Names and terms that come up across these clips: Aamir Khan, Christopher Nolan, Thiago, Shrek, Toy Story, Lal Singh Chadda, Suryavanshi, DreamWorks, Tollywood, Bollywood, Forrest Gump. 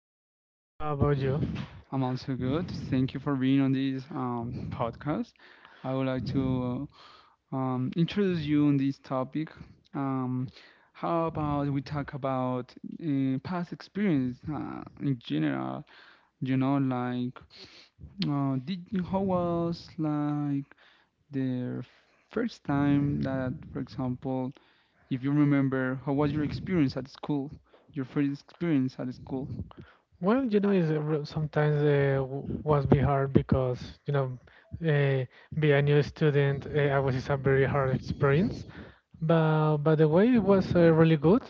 I'm doing good. How about you? I'm also good. Thank you for being on this podcast. I would like to introduce you on this topic. Um, how about we talk about past experience in general? You know, like did how was like the First time that, for example, if you remember, how was your experience at school? Your first experience at school? Well, you know, it's, sometimes was be hard because you know, uh, be a new student, I was it's a very hard experience. But by the way, it was really good.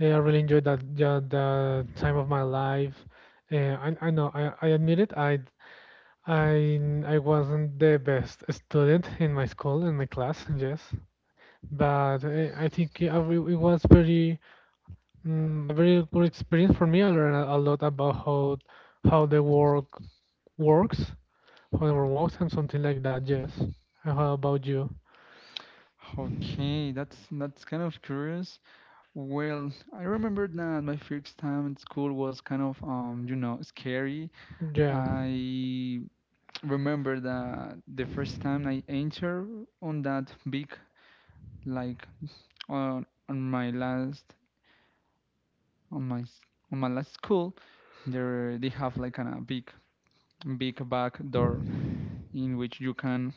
I really enjoyed that, yeah, the time of my life. I know I admit it. I wasn't the best student in my school in my class. Yes, but I think it was very a very good experience for me. I learned a lot about how the work works, how the world works, and something like that. Yes. And how about you? Okay, that's kind of curious. Well, I remember that my first time in school was kind of you know, scary. Yeah. I remember that the first time I entered on that big, like, on my last, on my s- on my last school, there they have like kind of big back door in which you can,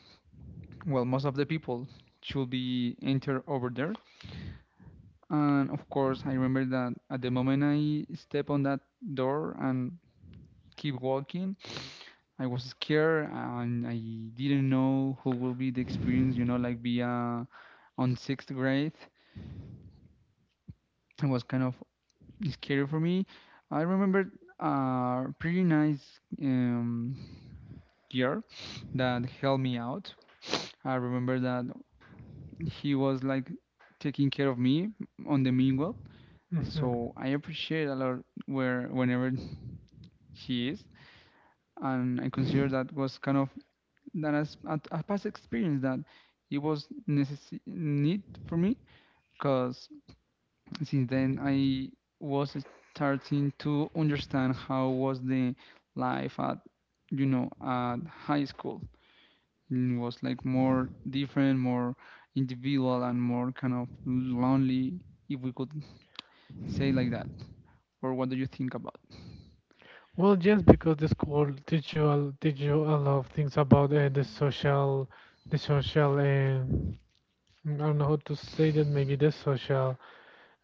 well, most of the people should be enter over there. And of course, I remember that at the moment I stepped on that door and keep walking, I was scared and I didn't know who will be the experience, you know, like be on sixth grade. It was kind of scary for me. I remember a pretty nice girl that helped me out. I remember that he was like taking care of me on the mingle. Hmm. So I appreciate a lot where whenever he is. And I consider that was kind of that as a past experience that it was necessary need for me because since then I was starting to understand how was the life at, you know, at high school. It was like more different, more individual, and more kind of lonely, if we could say like that. Or what do you think about? Well, yes, because the school teach you a lot of things about the social, the social. I don't know how to say that. Maybe the social.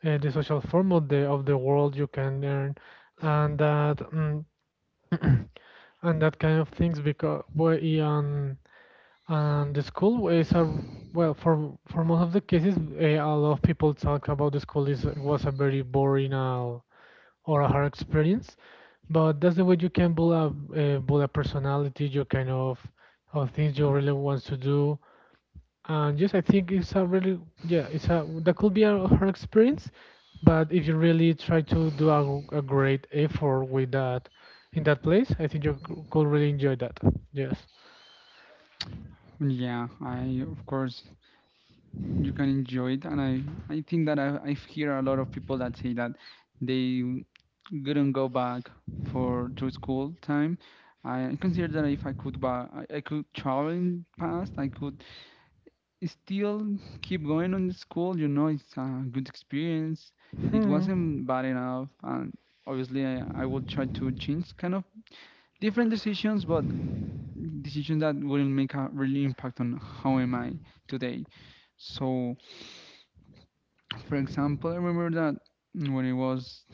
The social form of the world you can learn and that, and that kind of things because well, and the school is a well for most of the cases, a lot of people talk about the school is was a very boring or a hard experience, but that's the way you can build a build a personality, your kind of things you really want to do. And yes, I think it's a really, yeah, it's a that could be a hard experience, but if you really try to do a great effort with that in that place, I think could really enjoy that. Yes. Yeah, I of course you can enjoy it, and I think that I hear a lot of people that say that they couldn't go back for to school time. I consider that if I could travel in past, I could still keep going on the school. You know, it's a good experience. It Hmm. wasn't bad enough, and obviously I would try to change kind of different decisions, but decisions that will make a really impact on how am I today. So for example, I remember that when it was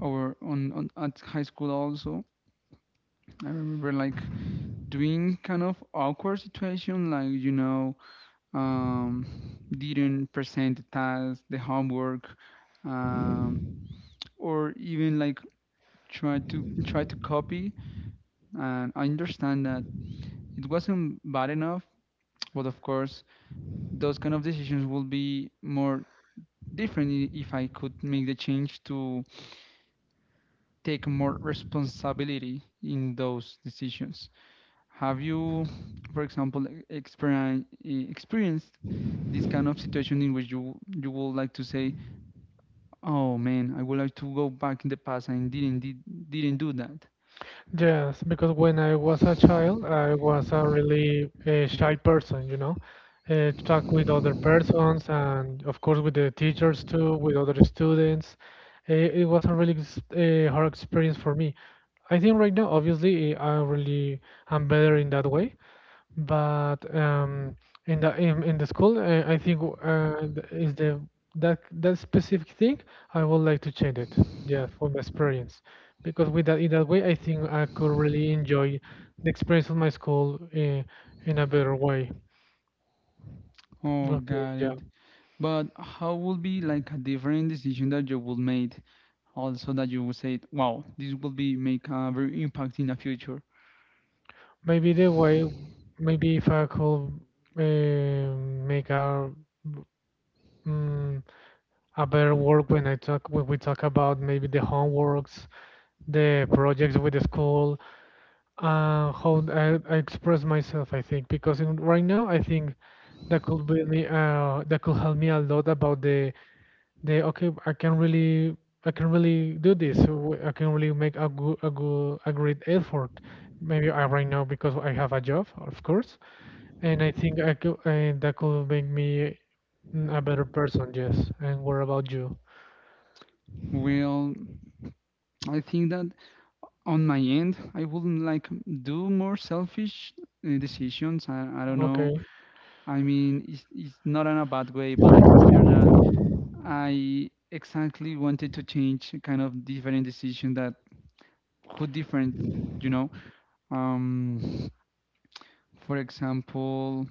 over on at high school also, I remember like doing kind of awkward situation, like, you know, um, didn't present the task, the homework, um, or even like try to copy. And I understand that it wasn't bad enough, but of course, those kind of decisions will be more different if I could make the change to take more responsibility in those decisions. Have you, for example, experienced this kind of situation in which you would like to say, "Oh man, I would like to go back in the past and didn't do that." Yes, because when I was a child, I was a really shy person, you know, talk with other persons and of course with the teachers too, with other students. It was a really hard experience for me. I think right now, obviously, I really am better in that way, but in in the school, I think is the that that specific thing I would like to change it. Yeah, for my experience, because with that in that way, I think I could really enjoy the experience of my school in a better way. Oh, Okay, got yeah. it. But how would be like a different decision that you would make, also that you would say, "Wow, this will be make a very impact in the future." Maybe the way, maybe if I could uh, make a mm, a better work when I talk when we talk about maybe the homeworks, the projects with the school, how I express myself, I think, because in, right now I think that could be that could help me a lot about the okay, I can really do this. So I can really make a good a great effort. Maybe I right now because I have a job, of course, and I think I could, that could make me, a better person. Yes. And what about you? Well, I think that on my end, I wouldn't like do more selfish decisions. I don't know. Okay. I mean, it's not in a bad way, but I consider that I exactly wanted to change a kind of different decision that could different, you know. Um, for example,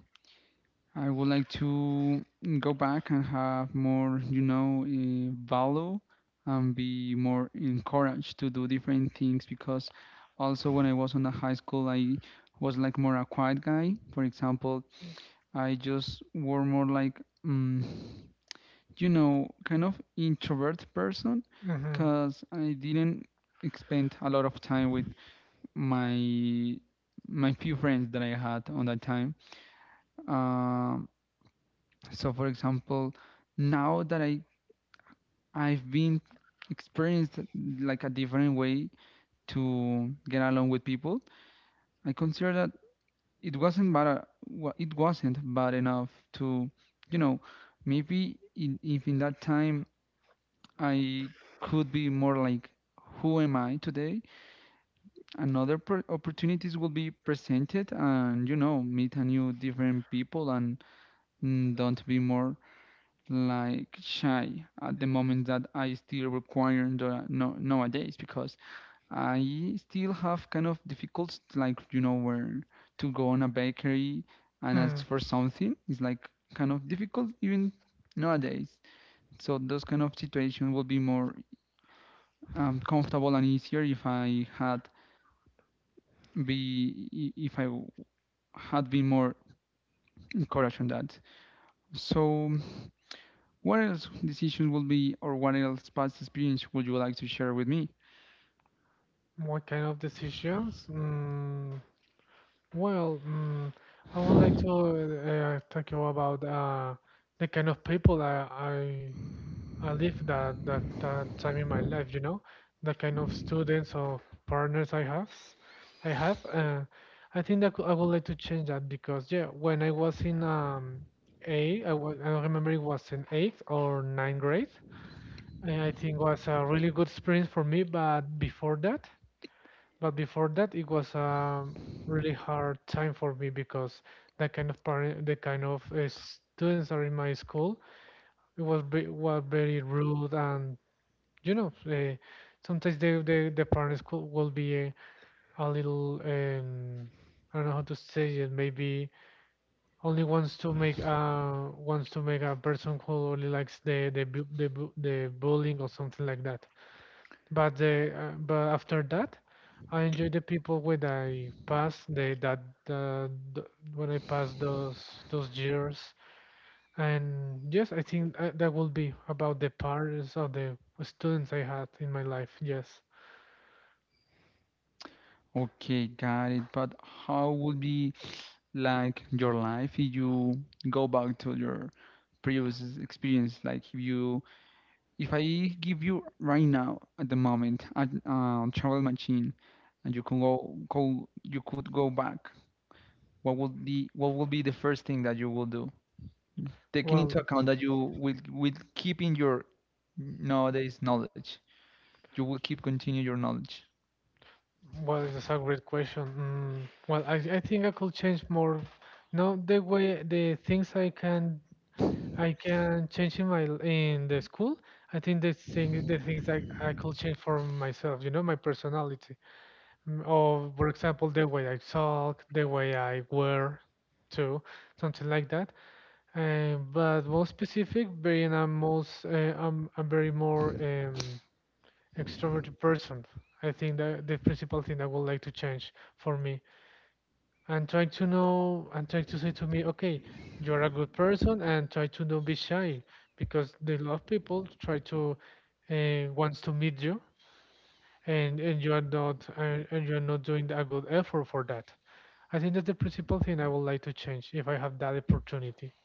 I would like to go back and have more, you know, value and be more encouraged to do different things because also when I was on the high school, I was like more a quiet guy. For example, I just were more like, you know, kind of introvert person Mm-hmm. because I didn't spend a lot of time with my my few friends that I had on that time. Um so for example, now that I've been experienced like a different way to get along with people, I consider that it wasn't bad enough to, you know, maybe if in that time I could be more like who am I today, another opportunities will be presented, and you know, meet a new different people, and don't be more like shy at the moment that I still require the, no, nowadays because I still have kind of difficulties like, you know, where to go on a bakery and Hmm. ask for something is like kind of difficult even nowadays. So those kind of situation will be more comfortable and easier if I had be if I had been more encouraged on that. So what else decisions will be or what else past experience would you like to share with me? What kind of decisions? Well, I would like to talk you about the kind of people I live that, that that time in my life. You know, the kind of students or partners I have. I have. I think I would like to change that because, yeah, when I was in A, I was I don't remember it was in eighth or ninth grade. And I think was a really good experience for me, but before that. But before that, it was a really hard time for me because the kind of parent, the kind of students are in my school, were very rude and you know, sometimes the parent school will be a little, I don't know how to say it, maybe only wants to make a person who only likes the bullying or something like that. But the but after that, I enjoy the people when I pass the that the when I pass those years. And yes, I think that will be about the parts of the students I had in my life. Yes. Okay, got it. But how would be like your life if you go back to your previous experience? Like if you, if I give you right now at the moment a travel machine, and you can you could go back. What would be the first thing that you will do, taking into Well, account that you will keep in your nowadays knowledge. You will keep continue your knowledge. well, it's a great question. Well, I think I could change more. No, the way the things I can change in my in the school. I think the things I could change for myself, you know, my personality. Or for example, the way I talk, the way I wear too, something like that. But more specific, being a most I'm a very more extroverted person. I think that the principal thing I would like to change for me and try to know and try to say to me, okay, you're a good person, and try to not be shy because the lot of people try to wants to meet you, and you are not and you're not doing a good effort for that. I think that's the principal thing I would like to change if I have that opportunity.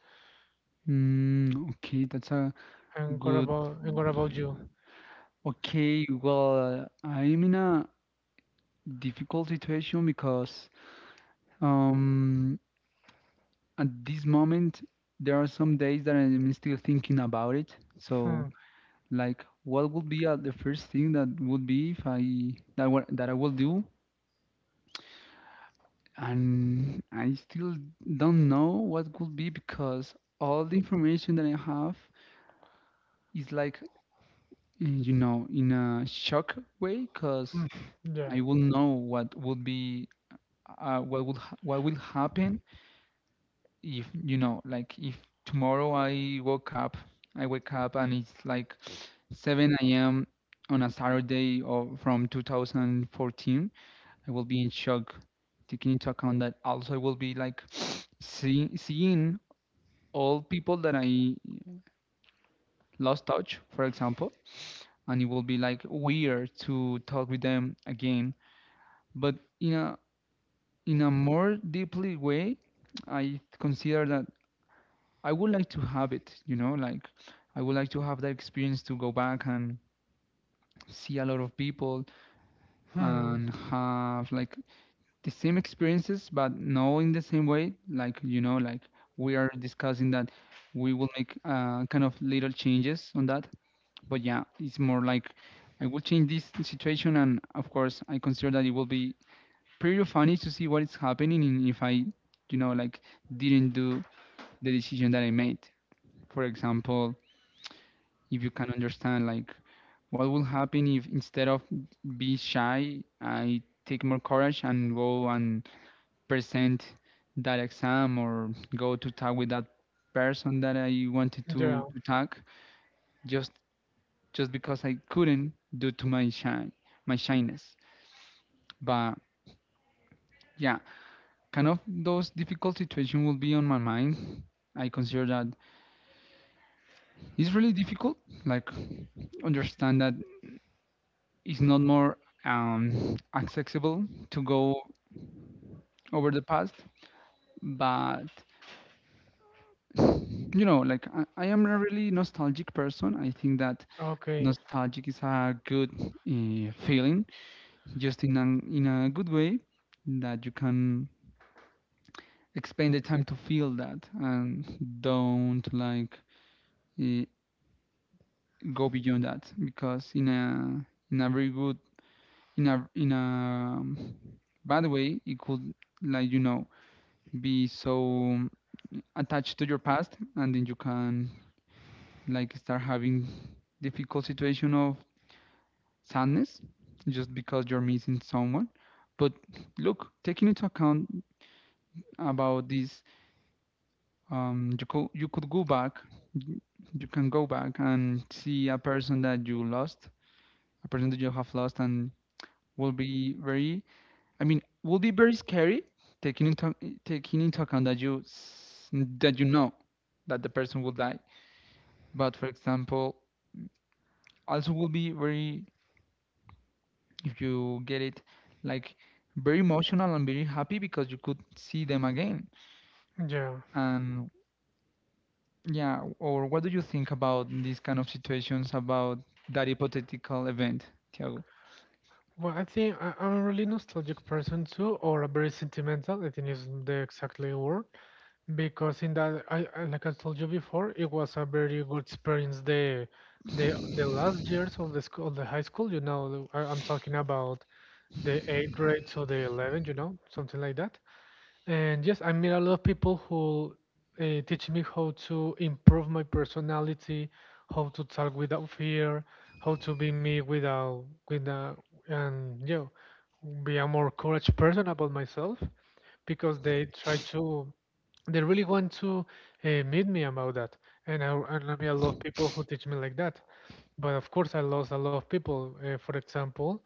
Okay, that's a And what good. about and what about you? Okay, well, I'm in a difficult situation because um, at this moment there are some days that I'm still thinking about it. So, Hmm. like, what would be the first thing that would be if I, that what that I will do? And I still don't know what could be because all the information that I have is like, you know, in a shock way, because Hmm. Yeah. I will know what would be what will happen if, you know, like if tomorrow I woke up I wake up and it's like 7 a.m. on a Saturday or from 2014. I will be in shock taking into account that also I will be like seeing all people that I lost touch, for example, and it will be like weird to talk with them again. But in a, in a more deeply way, I consider that I would like to have it, you know, like I would like to have that experience to go back and see a lot of people Hmm. and have like the same experiences, but not in the same way. Like, you know, like we are discussing that we will make kind of little changes on that. But yeah, it's more like I will change this situation, and of course, I consider that it will be pretty funny to see what is happening, and if I, you know, like didn't do the decision that I made. For example, if you can understand like what will happen if instead of be shy I take more courage and go and present that exam or go to talk with that person that I wanted Yeah. to talk, just just because I couldn't due to my shyness. But yeah, kind of those difficult situations will be on my mind. I consider that it's really difficult, like, understand that it's not more accessible to go over the past, but you know, like I am a really nostalgic person. I think that Okay. nostalgic is a good feeling, just in a good way that you can expend the time to feel that and don't like uh, go beyond that because in a very good, in a bad way, it could, like you know, be so attached to your past and then you can like start having difficult situation of sadness just because you're missing someone. But look, taking into account about this, you could go back, you can go back and see a person that you lost, a person that you have lost, and will be very, I mean, will be very scary, taking into taking into account that that you know that the person will die. But for example, also will be very, if you get it, like, very emotional and very happy because you could see them again. Yeah. And yeah, or what do you think about these kind of situations about that hypothetical event, Tiago? Well, I think I'm a really nostalgic person too, or a very sentimental. I think is the exactly word. Because in that, I like I told you before, it was a very good experience. The last years of the school, the high school. You know, I, I'm talking about the eighth grade to the 11th. You know, something like that. And yes, I meet a lot of people who teach me how to improve my personality, how to talk without fear, how to be me without, without, and you know, be a more courage person about myself because they try to, they really want to meet me about that. And I meet a lot of people who teach me like that. But of course, I lost a lot of people. For example,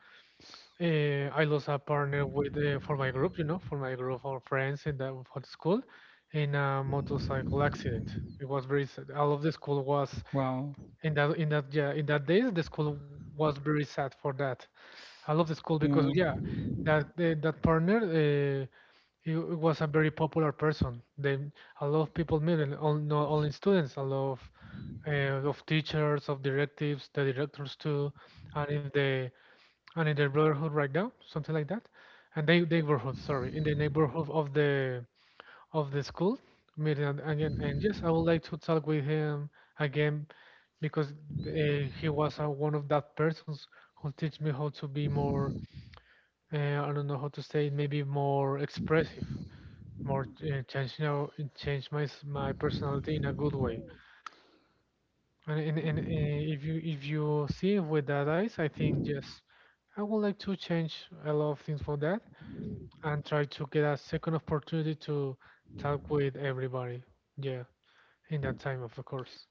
I lost a partner with for my group, you know, for my group of friends in the for the school, in a motorcycle accident. It was very sad. All of the school was Wow. In that yeah in that days the school was very sad for that. All of the school because yeah, that that partner, uh, was a very popular person. They a lot of people met him, all, not only students, a lot of teachers, of directives, the directors too, and in the and in the brotherhood right now, something like that. And they neighborhood, sorry, in the neighborhood of the school meeting. And yes, I would like to talk with him again because he was one of that persons who teach me how to be more, I don't know how to say it, maybe more expressive, more change now, my personality in a good way. And If you if you see it with that eyes, I think yes, I would like to change a lot of things for that and try to get a second opportunity to talk with everybody. Yeah, in that time, of course.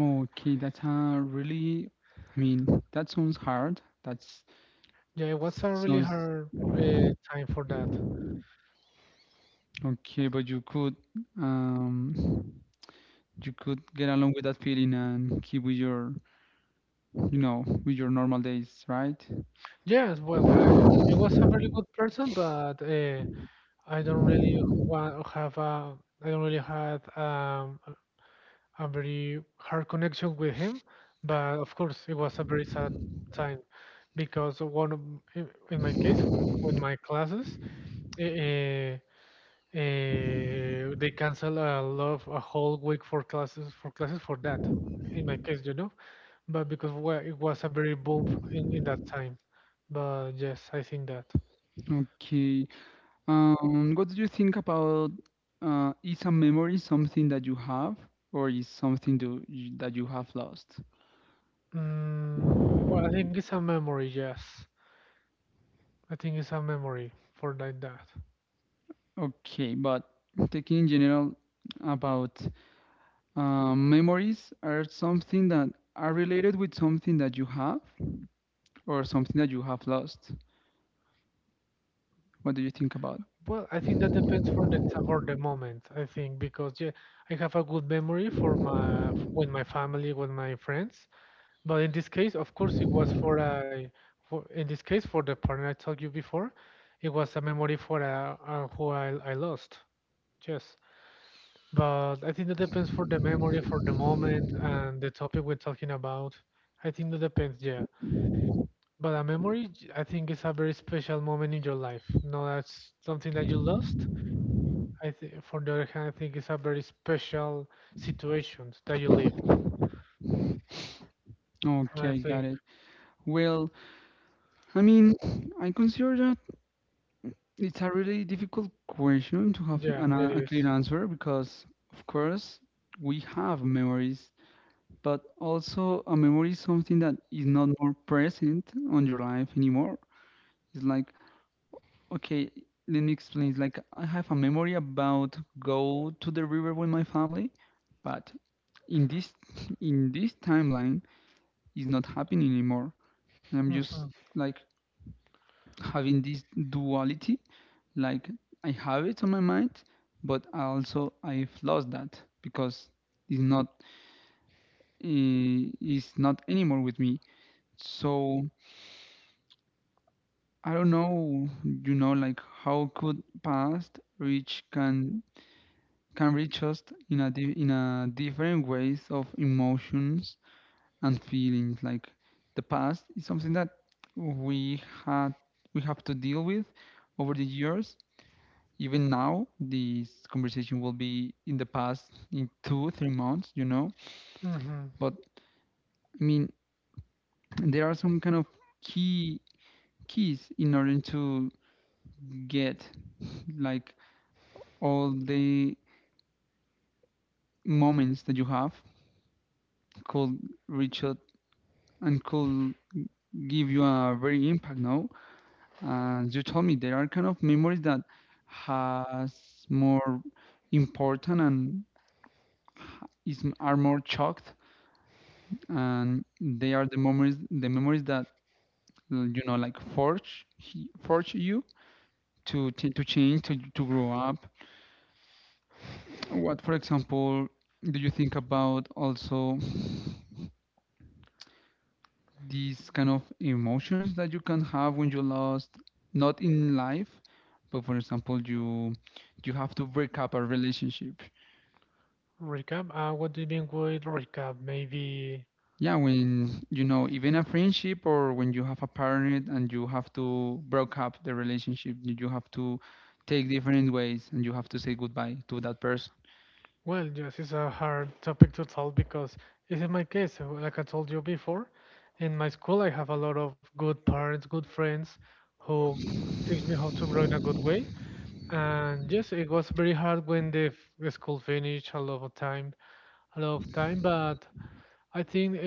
Okay, that's a really, I mean, that sounds hard. That's Yeah, it was a really sounds hard time for that. Okay, but um you could get along with that feeling and keep with your, you know, with your normal days, right? Yes, well, I, it was a really good person, but I don't really want have a, I don't really had a very hard connection with him. But of course, it was a very sad time because one of, in my case, for, with my classes, uh, they cancel a lot of a whole week for classes for classes for that. In my case, you know, but it was a very boom in that time. But yes, I think that. Okay. What do you think about is a memory something that you have or is something that you have lost? Well, I think it's a memory. Yes, I think it's a memory for like that. Okay, but taking in general about memories are something that are related with something that you have or something that you have lost. What do you think about? Well, I think that depends for for the moment. I think because yeah, I have a good memory for my with my family, with my friends. But in this case, of course, it was for a, for, in this case, for the partner I told you before, it was a memory for a who I lost. Yes. But I think that depends for the memory, for the moment, and the topic we're talking about. I think that depends, yeah. But a memory, I think, is a very special moment in your life. No, that's something that you lost. I think, for the other hand, I think it's a very special situation that you live. I Okay, got think, it. Well, I mean, I consider that it's a really difficult question to have yeah, it a is. clear answer because, of course, we have memories, but also a memory is something that is not more present on your life anymore. It's like, okay, let me explain. It's like I have a memory about go to the river with my family, but in this in this timeline it's not happening anymore. And I'm Mm-hmm. just like having this duality, like I have it on my mind, but I've lost that because it's not it's not anymore with me. So I don't know, like how could past reach can reach us in a different ways of emotions and feelings. Like the past is something that we had we have to deal with over the years. Even now, this conversation will be in the past in two, 3 months, you know. Hmm. But I mean, there are some kind of key keys in order to get like all the moments that you have could reach out and could give you a very impact, no? And you told me there are kind of memories that has more important and is are more chalked, and they are the memories that like forge you to to change to grow up. What for example do you think about also these kind of emotions that you can have when you lost, not in life, but for example you have to break up a relationship? Recap? What do you mean with recap? Maybe, Yeah, when you know, even a friendship, or when you have a parent and you have to break up the relationship, you have to take different ways and you have to say goodbye to that person. well, yes, it's a hard topic to tell because it's in my case, like I told you before, in my school I have a lot of good parents, good friends who teach me how to grow in a good way. And yes, it was very hard when the school finished a lot of time, a lot of time, but I think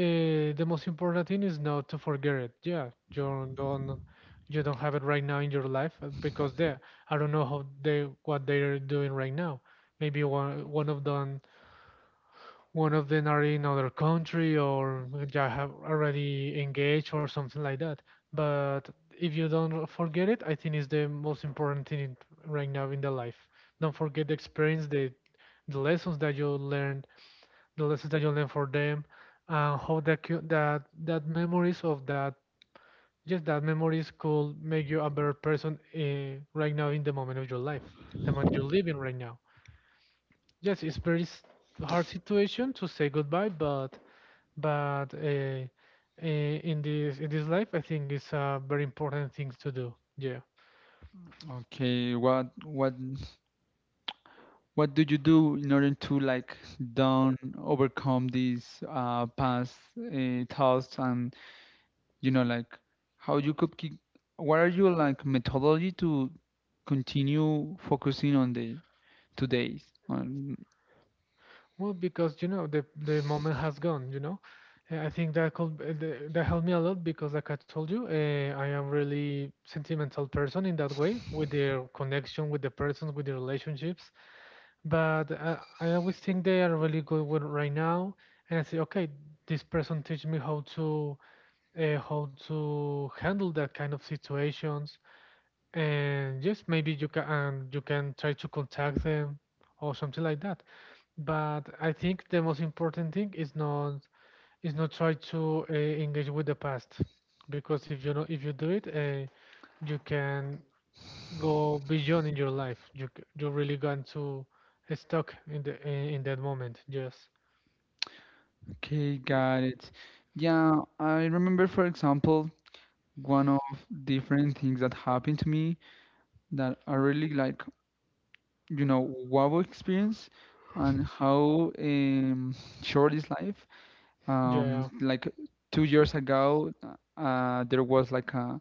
the most important thing is not to forget it. Yeah, you don't have it right now in your life because they I don't know how they what they're doing right now. Maybe one of them are in other country or yeah have already engaged or something like that. But if you don't forget it, I think is the most important thing right now in the life. Don't forget the experience, the lessons that you learned, the lessons that you learn for them, and how that memories of that, just that memories could make you a better person right now in the moment of your life, the moment you're living right now. Yes, hard situation to say goodbye, but but uh, in this life, I think it's a very important thing to do. Yeah. Okay, what what do you do in order to like down overcome these past thoughts? And you know, like how you could keep, what are your like methodology to continue focusing on the today's on. Well, because you know the moment has gone. You know, I think that could that helped me a lot because, like I told you, I am really sentimental person in that way with their connection with the persons, with the relationships. But I always think they are really good with right now, and I say, okay, this person teach me how to handle that kind of situations, and yes, maybe you can try to contact them or something like that. But I think the most important thing is not try to engage with the past, because if you know if you do it, you can go beyond in your life. You really going to stuck in in that moment. Yes. Okay, got it. Yeah, I remember for example one of different things that happened to me that I really like, you know, wow experience, and how short is life. Yeah. Like 2 years ago there was like a,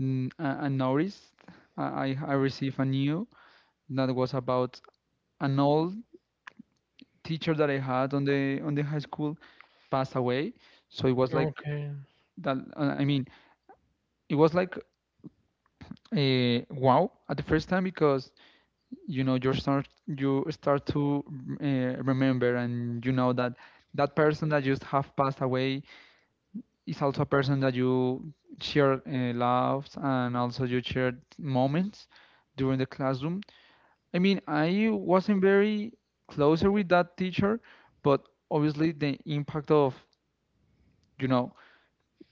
n- a, a notice. I received a new that was about an old teacher that I had on the high school passed away. So it was like Okay. that. I mean, it was like wow at the first time, because you know, you start to uh, remember, and you know that that person that just have passed away is also a person that you share loves, and also you shared moments during the classroom. I mean, I wasn't very closer with that teacher, but obviously the impact of, you know,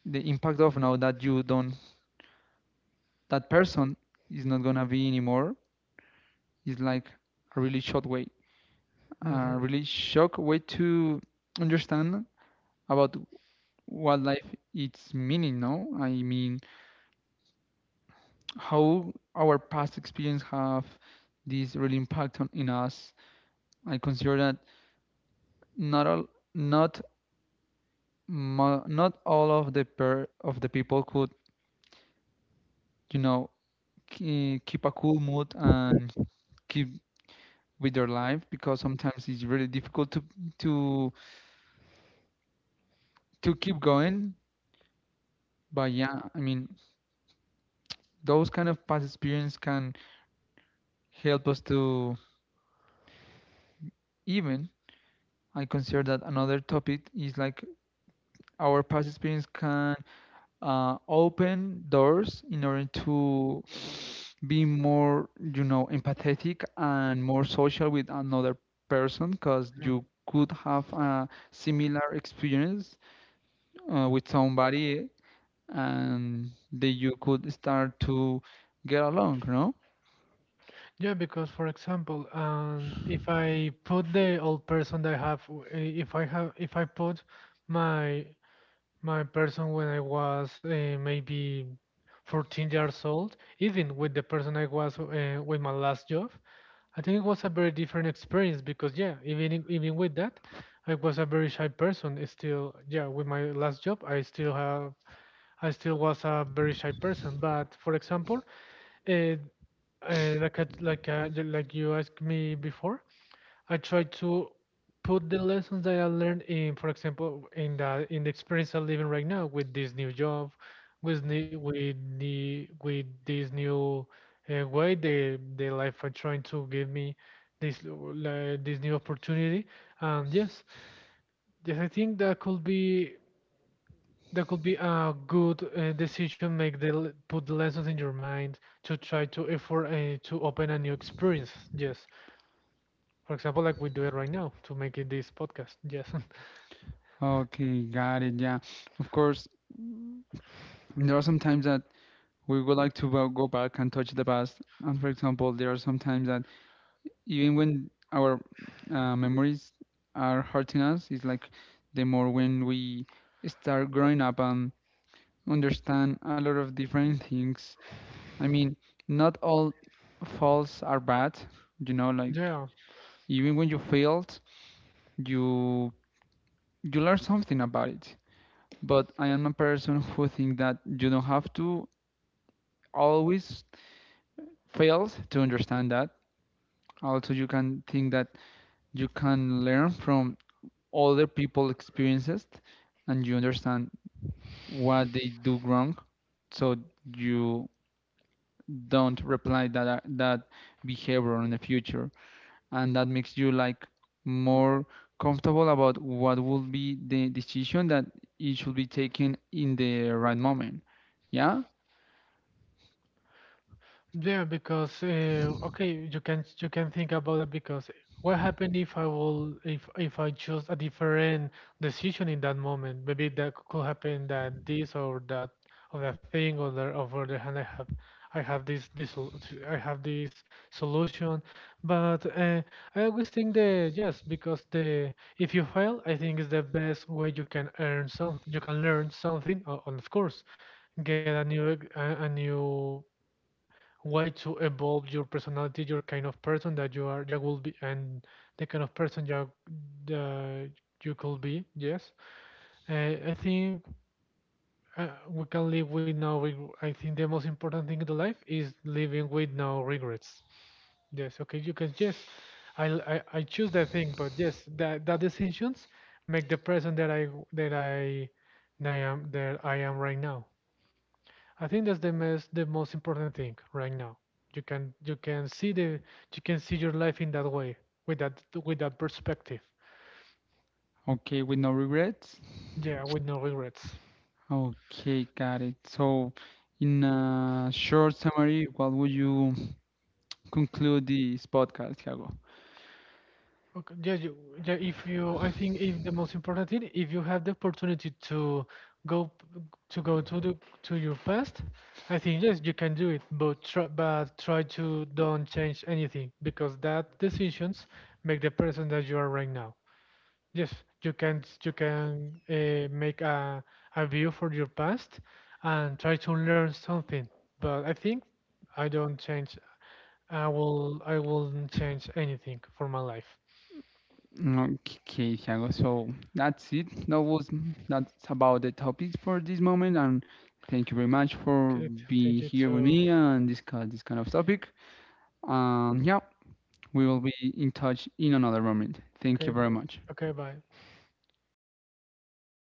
the impact of now that you don't, that person is not gonna be anymore, is like a really short way, a Mm-hmm. really shock way to understand about what life its meaning, no? I mean, how our past experience have this really impact on in us. I consider that not all, not not all of the per of the people could, you know, keep a cool mood and keep with their life, because sometimes it's really difficult to to keep going. But yeah, I mean, those kind of past experience can help us to even. I consider that another topic is like our past experience can open doors in order to be more, you know, empathetic and more social with another person, because Mm-hmm. you could have a similar experience with somebody, and then you could start to get along, no? Yeah, because for example, if I put the old person that I have, if I have, if I put my my person when I was maybe 14 years old, even with the person I was with my last job, I think it was a very different experience because yeah, even with that, I was a very shy person. Still, yeah, with my last job, I still was a very shy person. But for example, uh, like you asked me before, I try to put the lessons that I learned in, for example, in the experience I'm living right now with this new job, with the with the with this new way the life are trying to give me this new opportunity. And yes, yes, I think that could be, that could be a good decision. Make put the lessons in your mind to try to effort to open a new experience. Yes, for example, like we do it right now to make it this podcast. Yes, Okay, got it. Yeah. Of course, there are some times that we would like to go back and touch the past. And for example, there are some times that even when our memories are hurting us, it's like the more when we start growing up and understand a lot of different things. I mean, not all faults are bad, you know, like yeah. even when you failed, you you learn something about it. But I am a person who think that you don't have to always fail to understand that. Also, you can think that you can learn from other people experiences, and you understand what they do wrong, so you don't reply that that behavior in the future, and that makes you like more comfortable about what will be the decision that it should be taken in the right moment. Yeah. Yeah, because okay, you can think about that because what happened if I will if I choose a different decision in that moment? Maybe could happen that this or that thing or the hand I have, I have this this sol- I have this solution, but I always think that yes because the if you fail, I think is the best way you can earn something, you can learn something, and of course get a new way to evolve your personality, your kind of person that you are, you will be, and the kind of person you uh, you could be. Yes, I think we can live with no. reg- I think the most important thing in the life is living with no regrets. Yes. Okay. You can yes, I choose that thing, but yes, that decisions make the person that I that I am right now. I think that's the most important thing right now. You can see the you can see your life in that way with that perspective. Okay, with no regrets. Yeah, with no regrets. Okay, got it. So in a short summary, what would you conclude this podcast, Thiago? Okay. Yeah, you, yeah. If you, I think if the most important thing, if you have the opportunity to go p- to go to the to your past, I think yes, you can do it. But try to don't change anything because that decisions make the person that you are right now. Yes, you can make a view for your past and try to learn something. But I think I don't change. I won't change anything for my life. Okay, Thiago. So that's it. That was that's about the topics for this moment, and thank you very much for Okay, thank being you here with too. me and this kind of topic. Yeah, we will be in touch in another moment. Thank you Okay, very much. okay, bye.